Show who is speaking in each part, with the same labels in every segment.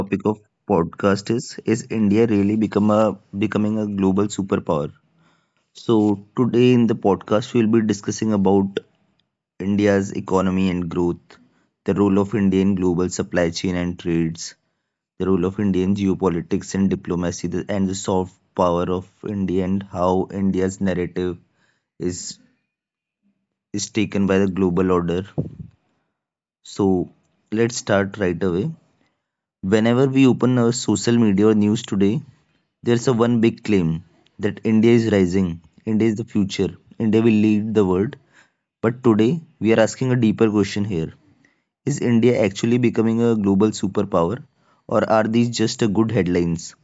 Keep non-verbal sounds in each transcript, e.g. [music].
Speaker 1: topic of podcast is India really become a becoming a global superpower? So today in the podcast we'll be discussing about India's economy and growth, the role of India in global supply chain and trades, the role of India in geopolitics and diplomacy, and the soft power of India, and how India's narrative is taken by the global order. So let's start right away. Whenever we open our social media or news today, there's a one big claim that India is rising, India is the future, India will lead the world. But today, we are asking a deeper question here. Is India actually becoming a global superpower, or are these just a good headlines?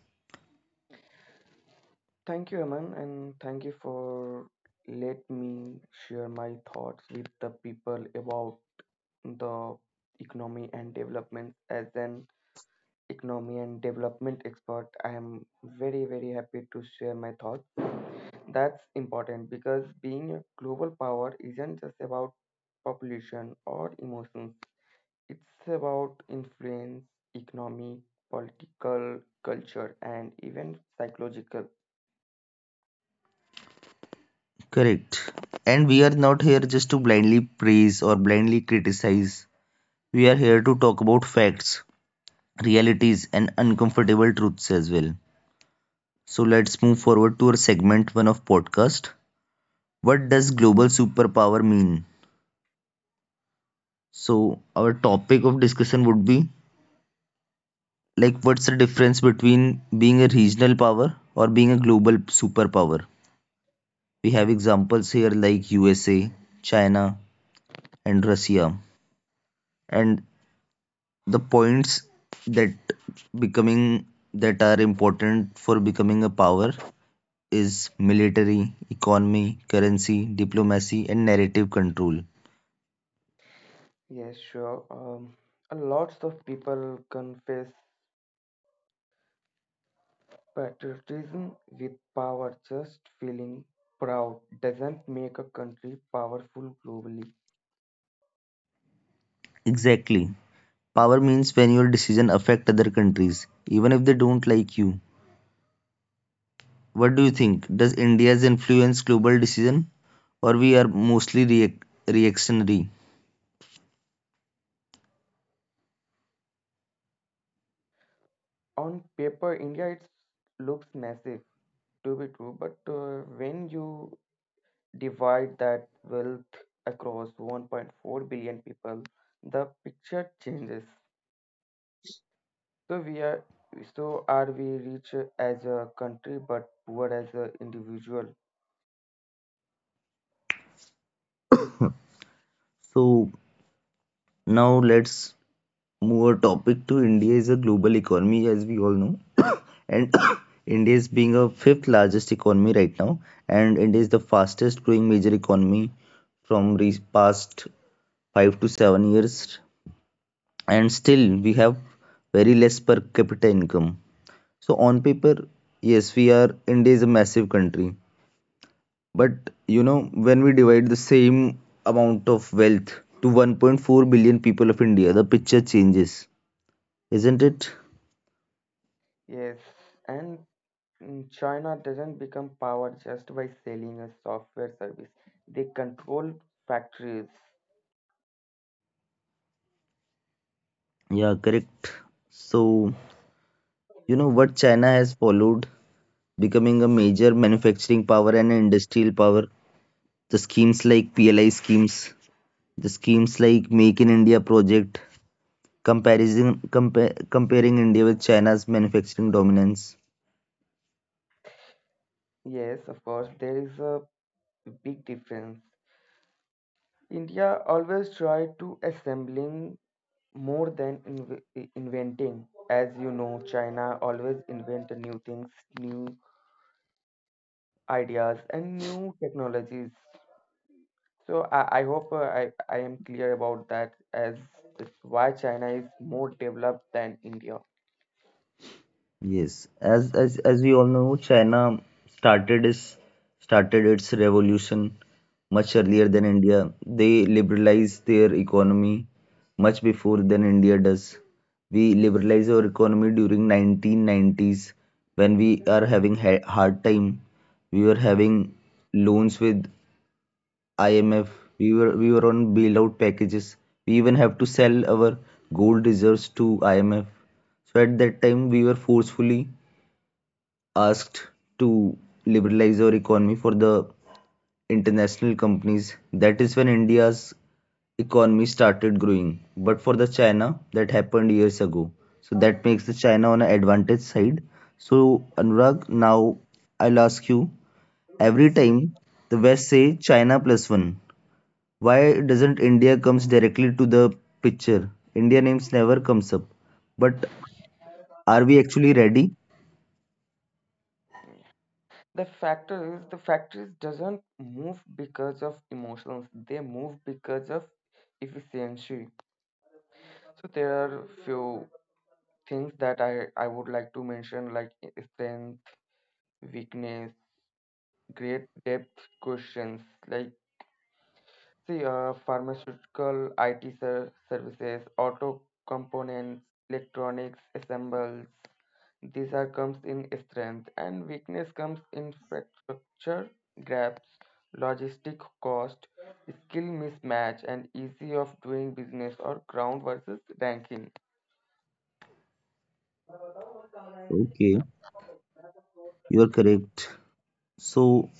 Speaker 2: Thank you, Aman, and thank you for let me share my thoughts with the people about the economy and development. As an economy and development expert, I am very very happy to share my thoughts. That's important because being a global power isn't just about population or emotions. It's about influence, economy, political, culture, and even psychological.
Speaker 1: Correct. And we are not here just to blindly praise or blindly criticize. We are here to talk about facts, realities, and uncomfortable truths as well. So let's move forward to our segment 1 of podcast: what does global superpower mean? So our topic of discussion would be like, what's the difference between being a regional power or being a global superpower? We have examples here like USA, China, and Russia, and the points that becoming that are important for becoming a power is military, economy, currency, diplomacy, and narrative control.
Speaker 2: Yes, sure. And lots of people confess patriotism with power. Just feeling proud doesn't make a country powerful globally.
Speaker 1: Exactly. Power means when your decision affect other countries, even if they don't like you. What do you think? Does India's influence global decision, or we are mostly reactionary?
Speaker 2: On paper, India it looks massive to be true, but when you divide that wealth across 1.4 billion people, the picture changes. So we are so are we rich as a country but poor as an individual?
Speaker 1: So now let's move our topic to India is a global economy, as we all know, and [coughs] India is being a fifth largest economy right now, and India is the fastest growing major economy from past 5 to 7 years, and still we have very less per capita income. So on paper, yes, we are India is a massive country, but you know, when we divide the same amount of wealth to 1.4 billion people of India, the picture changes, isn't it?
Speaker 2: Yes, and China doesn't become power just by selling a software service. They control factories.
Speaker 1: Yeah, correct. So you know what China has followed, becoming a major manufacturing power and an industrial power. The schemes like PLI schemes, the schemes like Make in India project, comparison comparing India with China's manufacturing dominance.
Speaker 2: Yes, of course, there is a big difference. India always tried to assembling more than inventing. As you know, China always invent new things, new ideas, and new technologies. So I hope I am clear about that as it's why China is more developed than India.
Speaker 1: Yes, as we all know, China started its started its revolution much earlier than India. They liberalized their economy much before than India does. We liberalized our economy during 1990s when we are having hard time. We were having loans with IMF. We were on bailout packages. We even have to sell our gold reserves to IMF. So at that time, we were forcefully asked to liberalize our economy for the international companies. That is when India's economy started growing. But for the China, that happened years ago. So that makes the China on an advantage side. So Anurag, now I'll ask you. Every time the West say China plus one, why doesn't India comes directly to the picture? India names never comes up. But are we actually ready?
Speaker 2: The factor is the factories doesn't move because of emotions. They move because of efficiency. So there are few things that I would like to mention, like strength, weakness, great depth questions like, see, pharmaceutical, IT services, auto components, electronics, assembles. Desire comes in strength, and weakness comes in infrastructure gaps, logistic cost, skill mismatch, and easy of doing business or ground versus ranking.
Speaker 1: Okay, you are correct. So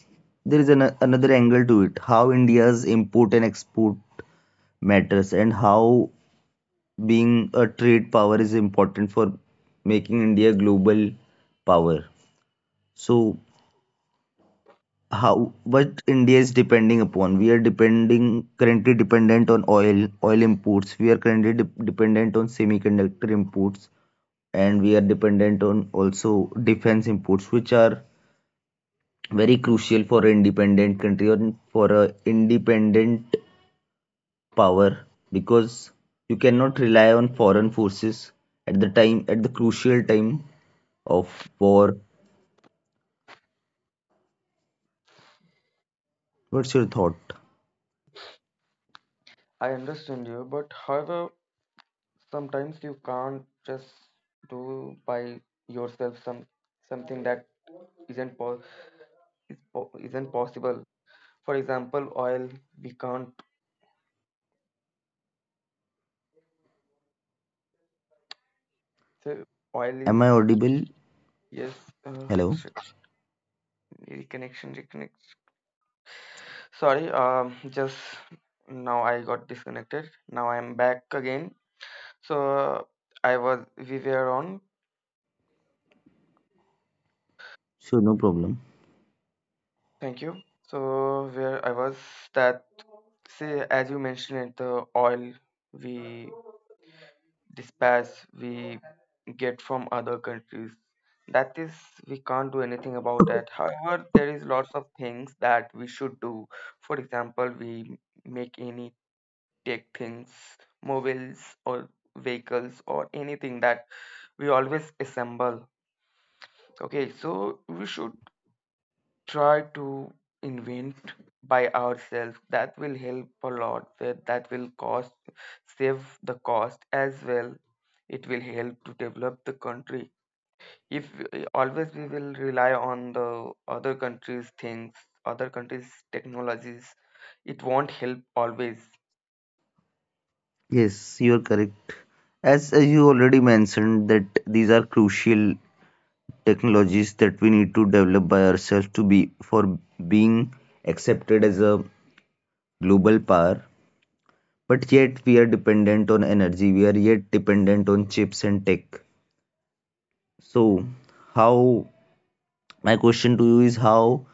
Speaker 1: there is an, another angle to it: how India's import and export matters, and how being a trade power is important for making India a global power. So how what India is depending upon? We are depending currently dependent on oil, oil imports. We are currently dependent on semiconductor imports, and we are dependent on also defense imports, which are very crucial for an independent country or for a independent power, because you cannot rely on foreign forces at the crucial time of war. What's your thought?
Speaker 2: I understand you, but however, sometimes you can't just do by yourself something that isn't po- is po- isn't possible. For example, oil we can't. So oil is,
Speaker 1: Am I audible?
Speaker 2: yes. Uh,
Speaker 1: Hello?
Speaker 2: Shit. Reconnection. Sorry, just now I got disconnected. Now I am back again. So I was we were on.
Speaker 1: Sure, no problem.
Speaker 2: Thank you. So where I was, that say, as you mentioned, the oil we dispatch we get from other countries. That is, we can't do anything about that. However, there is lots of things that we should do. For example, we make any take things, mobiles or vehicles or anything, that we always assemble. Okay, so we should try to invent by ourselves. That will help a lot. That will cost save the cost as well. It will help to develop the country. If always we will rely on the other countries' things, other countries' technologies, it won't help always.
Speaker 1: Yes, you are correct. As you already mentioned that these are crucial technologies that we need to develop by ourselves to be for being accepted as a global power. But yet we are dependent on energy. We are yet dependent on chips and tech. So, how my question to you is how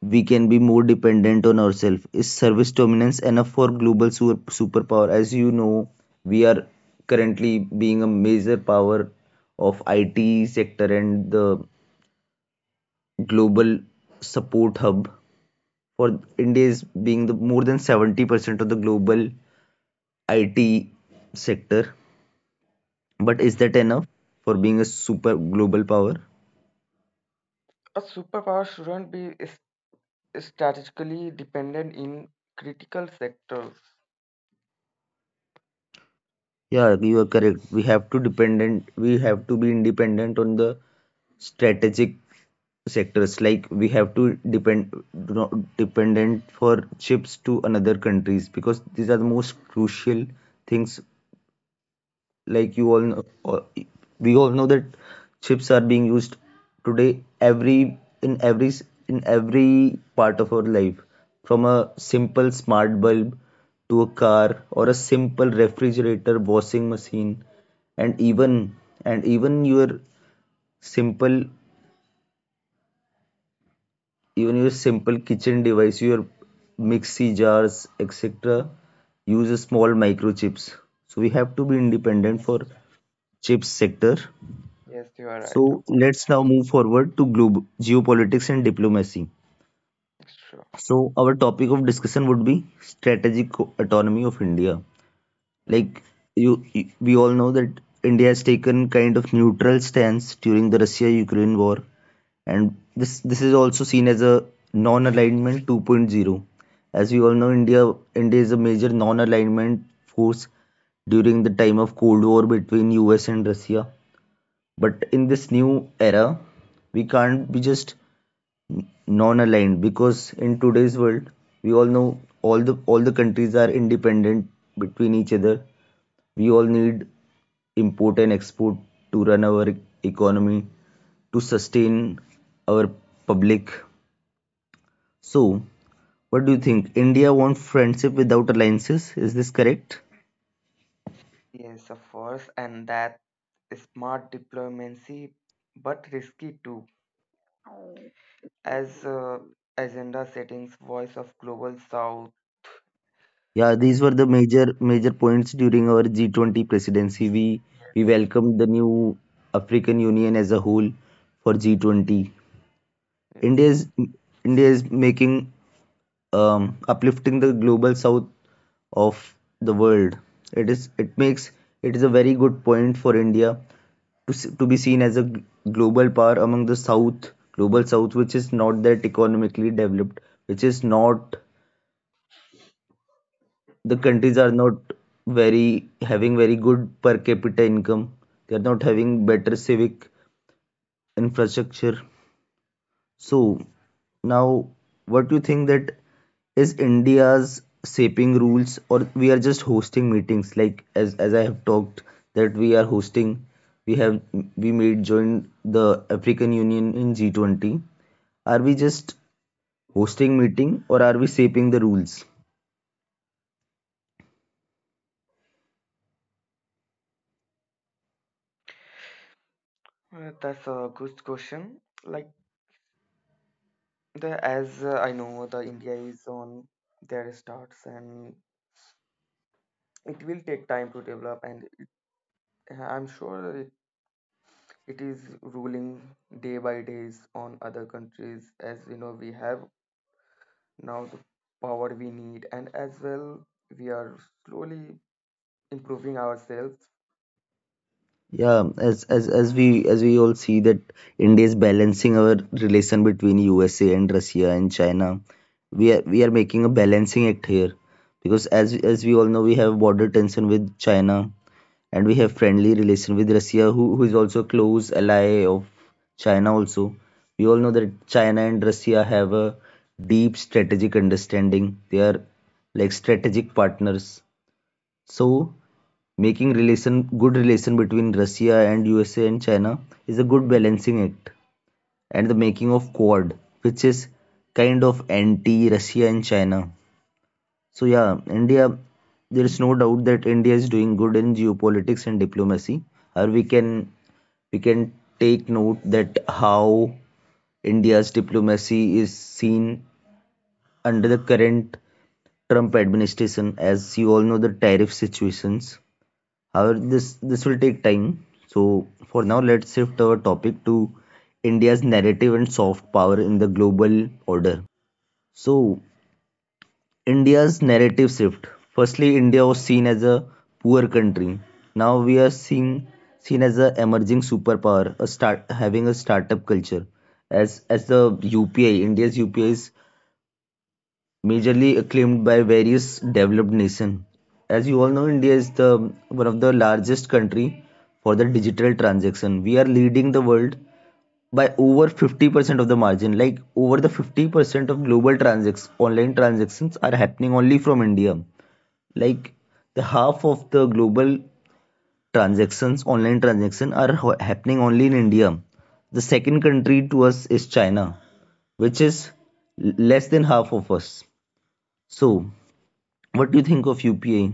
Speaker 1: we can be more dependent on ourselves. Is service dominance enough for global superpower? As you know, we are currently being a major power of IT sector, and the global support hub for India is being the more than 70% of the global IT sector. But is that enough for being a super global power?
Speaker 2: A superpower shouldn't be strategically dependent in critical sectors.
Speaker 1: Yeah, you are correct. We have to dependent. We have to be independent on the strategic sectors. Like we have to depend do not dependent for chips to another countries, because these are the most crucial things. Like you all know, or we all know, that chips are being used today every in every in every part of our life, from a simple smart bulb to a car or a simple refrigerator, washing machine, and even and simple even your simple kitchen device, your mixie jars, etc. use a small microchips. So we have to be independent for chips sector.
Speaker 2: Yes, you are right.
Speaker 1: So
Speaker 2: Afua.
Speaker 1: let's now move forward to global geopolitics and diplomacy.
Speaker 2: Sure.
Speaker 1: So our topic of discussion would be strategic autonomy of India. Like we all know that India has taken kind of neutral stance during the Russia-Ukraine war, and this is also seen as a non-alignment 2.0. As we all know, India is a major non-alignment force during the time of Cold War between US and Russia. But in this new era, we can't be just non-aligned, because in today's world we all know all the countries are independent between each other. We all need import and export to run our economy, to sustain our public. So what do you think, India wants friendship without alliances, is this correct?
Speaker 2: Yes, of course, and that smart diplomacy, but risky too. As agenda settings, voice of global south,
Speaker 1: Yeah,
Speaker 2: and
Speaker 1: these were the major points during our G20 presidency. We welcomed the new African Union as a whole for G20.
Speaker 2: yes.
Speaker 1: India is India is making uplifting the global south of the world. It is it makes it is a very good point for India to to be seen as a global power among the south, global south, which is not that economically developed, which is not, the countries are not very having very good per capita income, they are not having better civic infrastructure. So now, what do you think, that is India's shaping rules, or we are just hosting meetings? Like as I have talked, that we are hosting, we have we made joined the African Union in G20. Are we just hosting meeting, or are we shaping the rules?
Speaker 2: That's a good question. Like the as I know, the India is on their starts, and it will take time to develop, and I'm sure it is ruling day by days on other countries. As you know, we have now the power we need, and as well we are slowly improving ourselves.
Speaker 1: Yeah, as we all see that India is balancing our relation between USA and Russia and China. We are making a balancing act here, because as we all know, we have border tension with China, and we have friendly relation with Russia, who is also a close ally of China also. We all know that China and Russia have a deep strategic understanding. They are like strategic partners. So making relation good relation between Russia and USA and China is a good balancing act, and the making of Quad, which is kind of anti Russia and China. So yeah, India there is no doubt that India is doing good in geopolitics and diplomacy. Or we can take note that how India's diplomacy is seen under the current Trump administration, as you all know, the tariff situations. However, this will take time. So for now, let's shift our topic to India's narrative and soft power in the global order. So India's narrative shift. Firstly, India was seen as a poor country. Now we are seeing seen as a emerging superpower, a start having a startup culture. As the UPI, India's UPI is majorly acclaimed by various developed nations. As you all know, India is the one of the largest country for the digital transaction. We are leading the world by over 50% of the margin. Like over the 50% of global transactions, online transactions are happening only from India. Like the half of the global transactions, online transactions are happening only in India. The second country to us is China, which is less than half of us. So what do you think of UPI?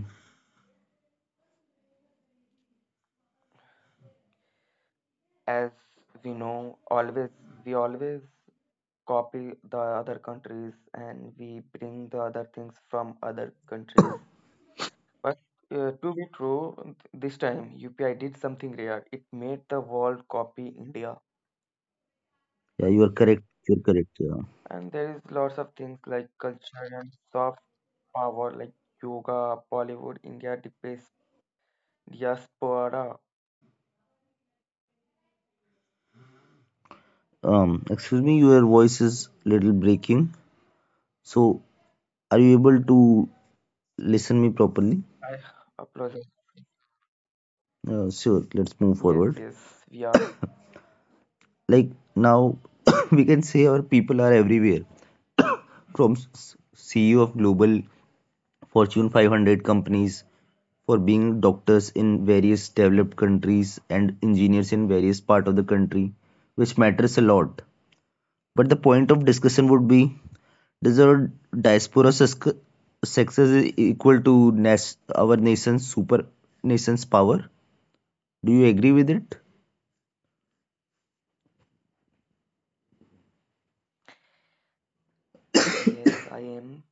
Speaker 2: As we know, always we always copy the other countries, and we bring the other things from other countries, but to be true, this time UPI did something rare. It made the world copy India.
Speaker 1: Yeah, you are correct. You're correct. Yeah.
Speaker 2: And there is lots of things like culture and soft power, like yoga, Bollywood, India, diaspora.
Speaker 1: Excuse me, your voice is little breaking. So, are you able to listen me properly?
Speaker 2: I apologize.
Speaker 1: Sure. Let's move
Speaker 2: Yes,
Speaker 1: forward.
Speaker 2: yes, we are.
Speaker 1: Like now, [coughs] we can say our people are everywhere, from CEO of global Fortune 500 companies for being doctors in various developed countries and engineers in various part of the country, which matters a lot. But the point of discussion would be: does our diaspora success is equal to nas- our nation's power? Do you agree with it?
Speaker 2: Yes, I am.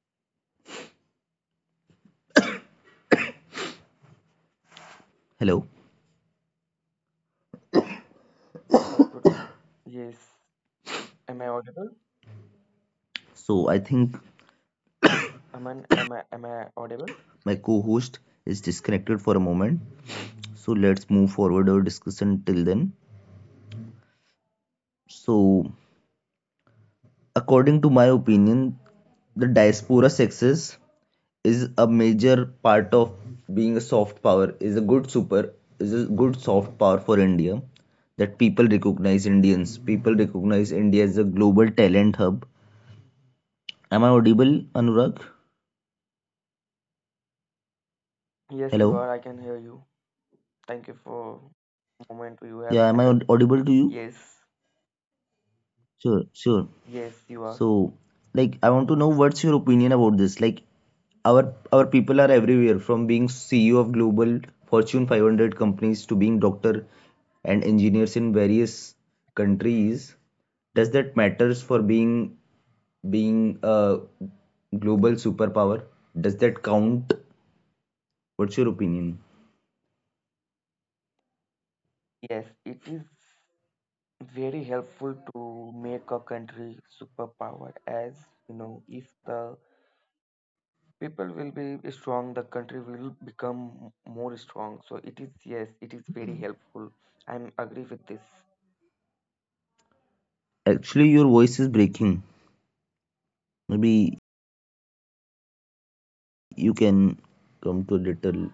Speaker 1: Hello.
Speaker 2: That would. Yes. Am I audible?
Speaker 1: So I think
Speaker 2: Am I audible?
Speaker 1: my co-host is disconnected for a moment. So let's move forward our discussion till then. So according to my opinion, the diaspora success is a major part of being a soft power, is a good super, is a good soft power for India. That people recognize Indians, people recognize India as a global talent hub. Am I audible, Anurag?
Speaker 2: Yes, you
Speaker 1: Hello?
Speaker 2: are. I can hear you. Thank you for moment you have
Speaker 1: Yeah, am I
Speaker 2: handled.
Speaker 1: audible to you?
Speaker 2: Yes,
Speaker 1: Sure, sure.
Speaker 2: yes, you are.
Speaker 1: So like I want to know what's your opinion about this. Like our our people are everywhere, from being CEO of global Fortune 500 companies to being doctor and engineers in various countries. Does that matters for being a global superpower? Does that count? What's your opinion?
Speaker 2: Yes, it is very helpful to make a country superpower. As you know, if the people will be strong, the country will become more strong. So it is, yes, it is very helpful. I'm agree with this.
Speaker 1: Actually, your voice is breaking. Maybe you can come to a little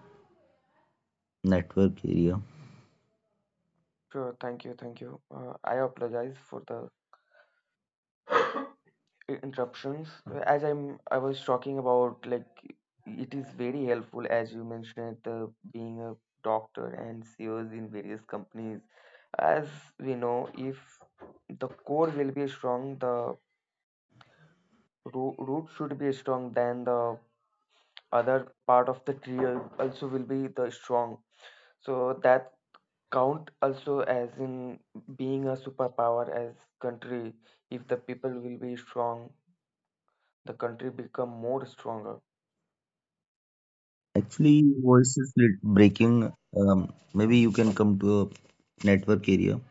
Speaker 1: network area.
Speaker 2: Sure. Thank you. Thank you. I apologize for the interruptions. As I was talking about, like it is very helpful, as you mentioned, the being a doctor and CEOs in various companies. As we know, if the core will be strong, the root should be strong, then the other part of the tree also will be the strong. So that count also, as in being a superpower, as country, if the people will be strong, the country become more stronger.
Speaker 1: Actually, your voice is breaking. Maybe you can come to a network area.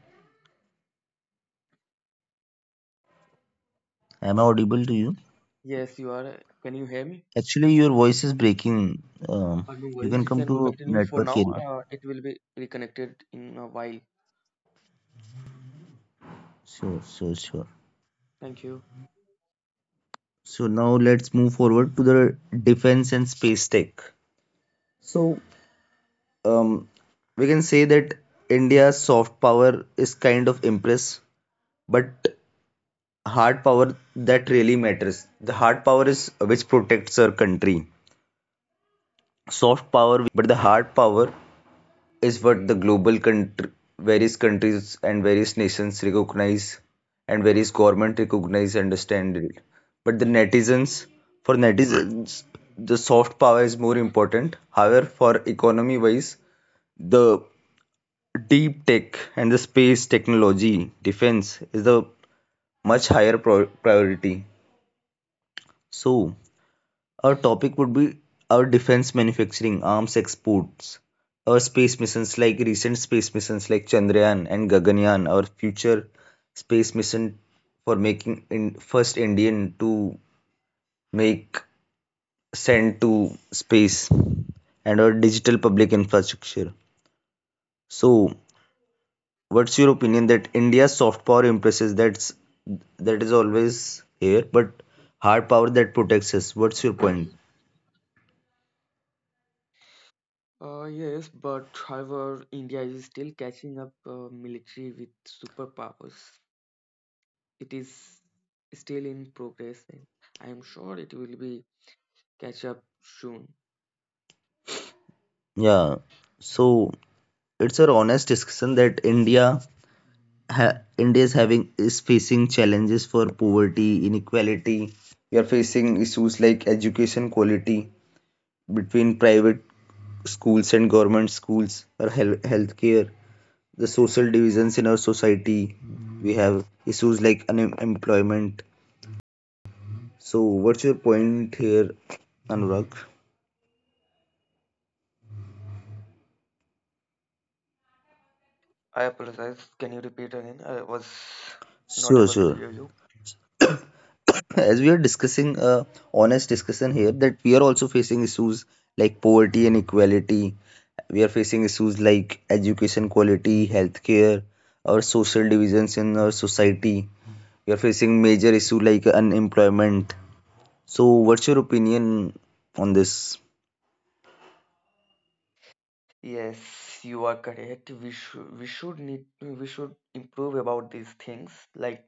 Speaker 1: Am I audible to you?
Speaker 2: Yes, you are. Can you hear me?
Speaker 1: Actually, your voice is breaking. Um,
Speaker 2: No
Speaker 1: you
Speaker 2: worries.
Speaker 1: can
Speaker 2: You
Speaker 1: come
Speaker 2: can
Speaker 1: to a
Speaker 2: continue for
Speaker 1: network
Speaker 2: now.
Speaker 1: area.
Speaker 2: It will be reconnected in a while.
Speaker 1: Sure, sure, sure.
Speaker 2: Thank you.
Speaker 1: So now let's move forward to the defense and space tech. So, um, we can say that India's soft power is kind of impress, but hard power that really matters. The hard power is which protects our country. Soft power we can improve anytime, but the hard power is what the global country, various countries and various nations recognize, and various government recognize, understand it. But the netizens, for netizens, the soft power is more important. However, for economy wise, the deep tech and the space technology defense is the much higher priority. So, our topic would be our defense manufacturing, arms exports, our space missions like recent space missions like Chandrayaan and Gaganyaan, our future space mission for making in first Indian to make send to space, and our digital public infrastructure. So, what's your opinion that India's soft power impresses, that's that is always here, but hard power that protects us. What's your point?
Speaker 2: Yes, but however, India is still catching up military with superpowers. It is still in progress, and I am sure it will be catch up soon.
Speaker 1: Yeah. So it's an honest discussion that India India is having, is facing challenges for poverty, inequality. We are facing issues like education quality between private schools and government schools, or healthcare, the social divisions in our society. We have issues like unemployment. So, what's your point here, Anurag?
Speaker 2: I apologize. Can you repeat again? I was not
Speaker 1: Sure,
Speaker 2: able to
Speaker 1: sure.
Speaker 2: hear you.
Speaker 1: [coughs] As we are discussing a honest discussion here, that we are also facing issues like poverty and equality. We are facing issues like education quality, healthcare, our social divisions in our society. We are facing major issue like unemployment. So, what's your opinion on this?
Speaker 2: Yes, you are correct. We should improve about these things, like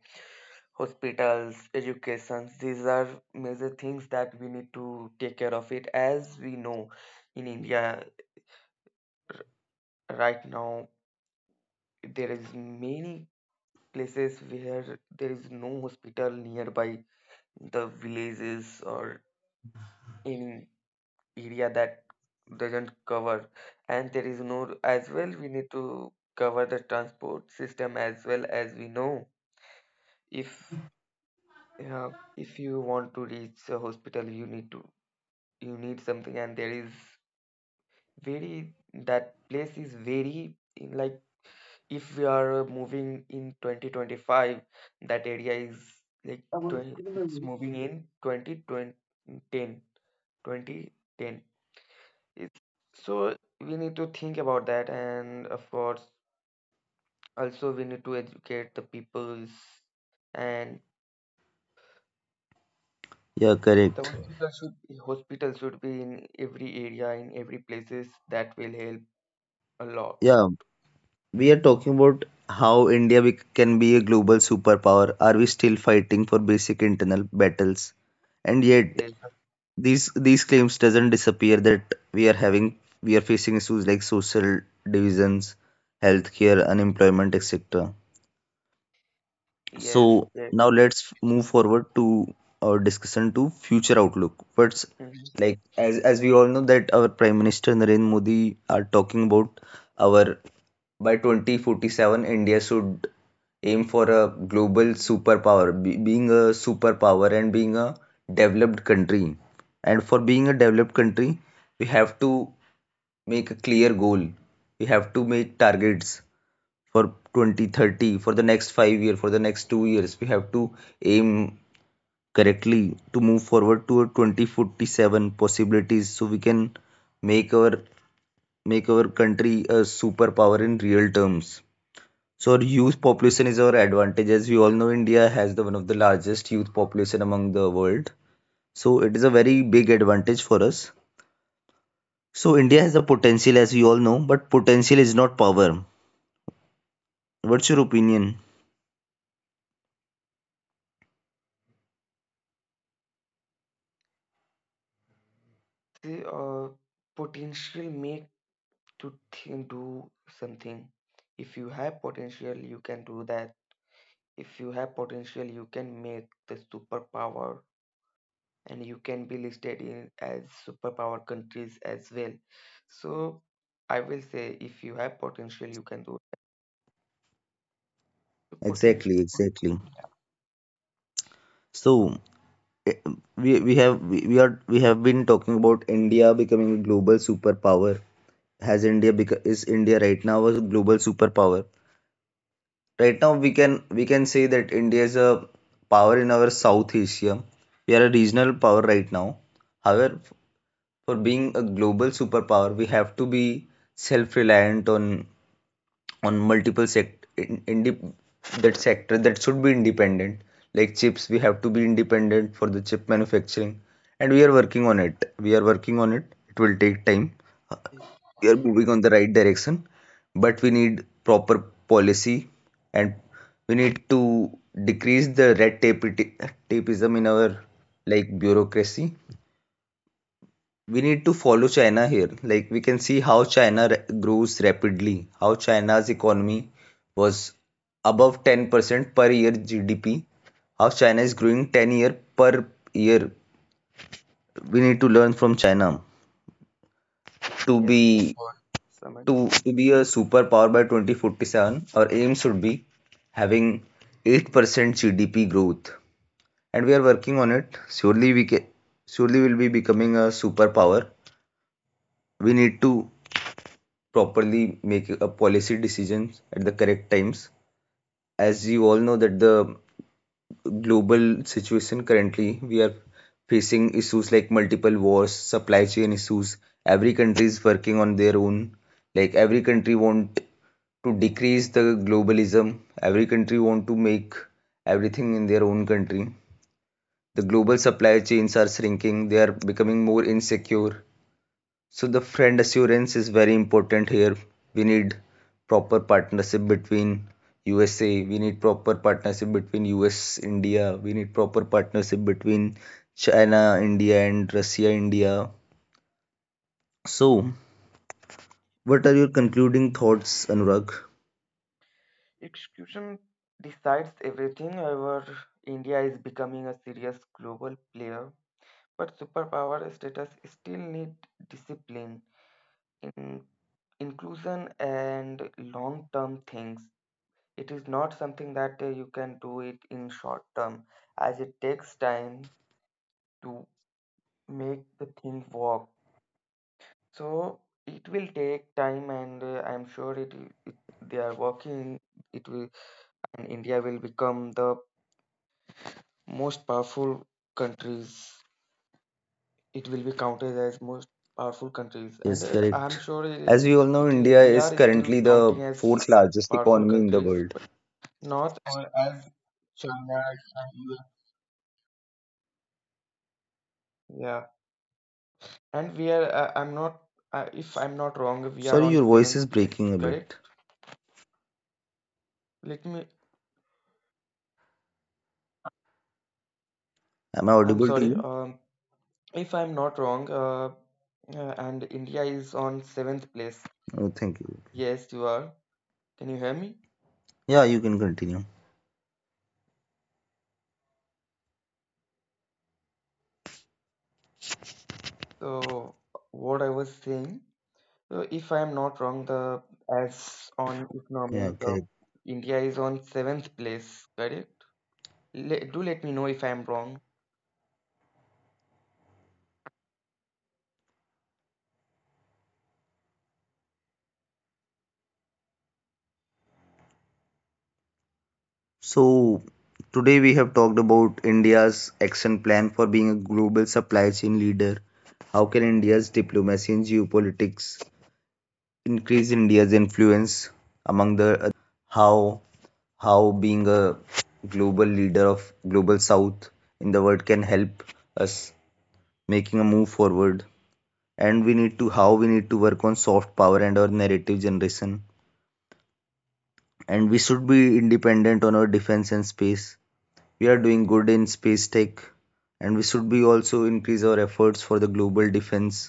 Speaker 2: hospitals, educations. These are major things that we need to take care of it. As we know, in India right now, there is many places where there is no hospital nearby the villages or any area that doesn't cover. And there is no, as well we need to cover the transport system as well. As we know, if uh, if you want to reach a hospital, you need something. And there is very, that place is very in, like if we are moving in 2025, that area is like 20, it's moving in twenty twenty ten 2010. It's, so we need to think about that, and of course, also we need to educate the peoples, and
Speaker 1: Yeah,
Speaker 2: the
Speaker 1: correct.
Speaker 2: hospital should be in every area, in every places. That will help a lot.
Speaker 1: Yeah, we are talking about how India can be a global superpower. Are we still fighting for basic internal battles? And yet,
Speaker 2: Yes,
Speaker 1: these claims doesn't disappear that we are facing issues like social divisions, healthcare, unemployment, etc.
Speaker 2: yes,
Speaker 1: So
Speaker 2: that.
Speaker 1: now let's move forward to our discussion to future outlook. What's
Speaker 2: Mhm.
Speaker 1: like, as we all know that our Prime Minister Narendra Modi are talking about our, by 2047, India should aim for a global superpower, being a superpower and being a developed country. And for being a developed country, we have to make a clear goal. We have to make targets for 2030, for the next 5 years, for the next 2 years. We have to aim correctly to move forward to a 2047 possibilities so we can make our country a superpower in real terms. So our youth population is our advantage. As we all know, India has the one of the largest youth population among the world. So it is a very big advantage for us. So India has the potential, as we all know, but potential is not power. What's your opinion?
Speaker 2: See, potential make to think, do something. If you have potential, you can do that. If you have potential, you can make the superpower, and you can be listed in as superpower countries as well. So I will say, if you have potential, you can do it. So, potential,
Speaker 1: Exactly, exactly. So eh, we have we are we have been talking about India becoming a global superpower. Has India is India right now a global superpower? Right now we can, we can say that India is a power in our South Asia. We are a regional power right now. However, for being a global superpower, we have to be self-reliant on multiple sect, in that sector that should be independent. Like chips, we have to be independent for the chip manufacturing, and we are working on it. We are working on it. It will take time, we are moving on the right direction, but we need proper policy and we need to decrease the red tapeism in our like bureaucracy. We need to follow China here. Like we can see how China grows rapidly, how China's economy was above 10% per year GDP, how China is growing 10 year per year. We need to learn from China, to
Speaker 2: yes,
Speaker 1: be
Speaker 2: for someone.
Speaker 1: to be a superpower by 2047, our aim should be having 8% GDP growth, and we are working on it. Surely we can, surely will be becoming a superpower. We need to properly make a policy decisions at the correct times. As you all know that the global situation currently, we are facing issues like multiple wars, supply chain issues. Every country is working on their own. Like every country want to decrease the globalism. Every country want to make everything in their own country. The global supply chains are shrinking. They are becoming more insecure. So the friend assurance is very important here. We need proper partnership between USA. We need proper partnership between US India. We need proper partnership between China India and Russia India. So what are your concluding thoughts, Anurag?
Speaker 2: Execution decides everything. However, India is becoming a serious global player, but superpower status still need discipline in inclusion and long-term things. It is not something that you can do it in short term, as it takes time to make the thing work. So it will take time, and I'm sure, it they are working. It will, and India will become the most powerful countries. It will be counted as most powerful countries, and
Speaker 1: Yes,
Speaker 2: I'm
Speaker 1: correct.
Speaker 2: sure it.
Speaker 1: As we
Speaker 2: it,
Speaker 1: all know,
Speaker 2: it is-
Speaker 1: India
Speaker 2: We
Speaker 1: is
Speaker 2: are still
Speaker 1: currently the
Speaker 2: counting as
Speaker 1: fourth largest
Speaker 2: powerful
Speaker 1: economy in the
Speaker 2: countries,
Speaker 1: world.
Speaker 2: but not as China and US. Yeah, and we are. I'm not. If I'm not wrong, we are
Speaker 1: Sorry,
Speaker 2: on
Speaker 1: your voice
Speaker 2: seventh
Speaker 1: is
Speaker 2: place.
Speaker 1: breaking a
Speaker 2: Correct?
Speaker 1: bit.
Speaker 2: Let me
Speaker 1: Am I
Speaker 2: I'm
Speaker 1: audible to
Speaker 2: sorry.
Speaker 1: you?
Speaker 2: If I'm not wrong, and India is on seventh place.
Speaker 1: Oh, thank you.
Speaker 2: Yes, you are. Can you hear me?
Speaker 1: Yeah, you can continue.
Speaker 2: So, what I was saying, so if I'm not wrong, the as on
Speaker 1: Yeah,
Speaker 2: economy, the
Speaker 1: correct.
Speaker 2: India is on seventh place. Correct? Le do let me know if I'm wrong.
Speaker 1: So, today we have talked about India's action plan for being a global supply chain leader, how can India's diplomacy in geopolitics increase India's influence among the other countries, how how being a global leader of global south in the world can help us making a move forward, and we need to, how we need to work on soft power and our narrative generation, and we should be independent on our defense and space. We are doing good in space tech, and we should be also increase our efforts for the global defense.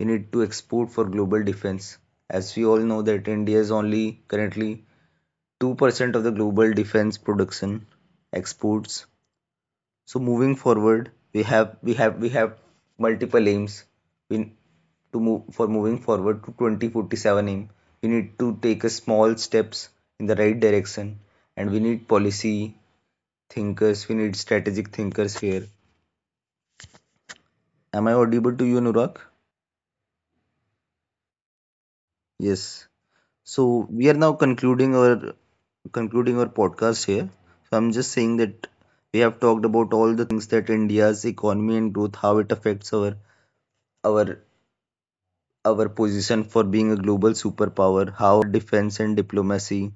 Speaker 1: We need to export for global defense. As we all know that India is only currently 2% of the global defense production exports. So moving forward, we have multiple aims. We to move for moving forward to 2047 aim. We need to take a small steps in the right direction, and we need policy thinkers. We need strategic thinkers here. Am I audible to you, Anurag? Yes. So we are now concluding our podcast here. So I'm just saying that we have talked about all the things, that India's economy and growth, how it affects our our position for being a global superpower, how our defense and diplomacy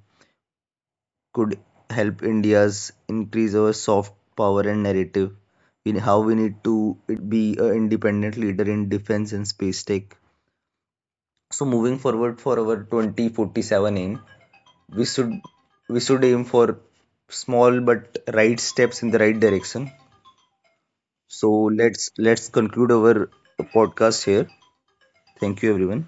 Speaker 1: could help India's increase our soft power and narrative, in how we need to be an independent leader in defense and space tech. So moving forward for our 2047 aim, we should we should aim for small but right steps in the right direction. So let's conclude our podcast here. Thank you everyone.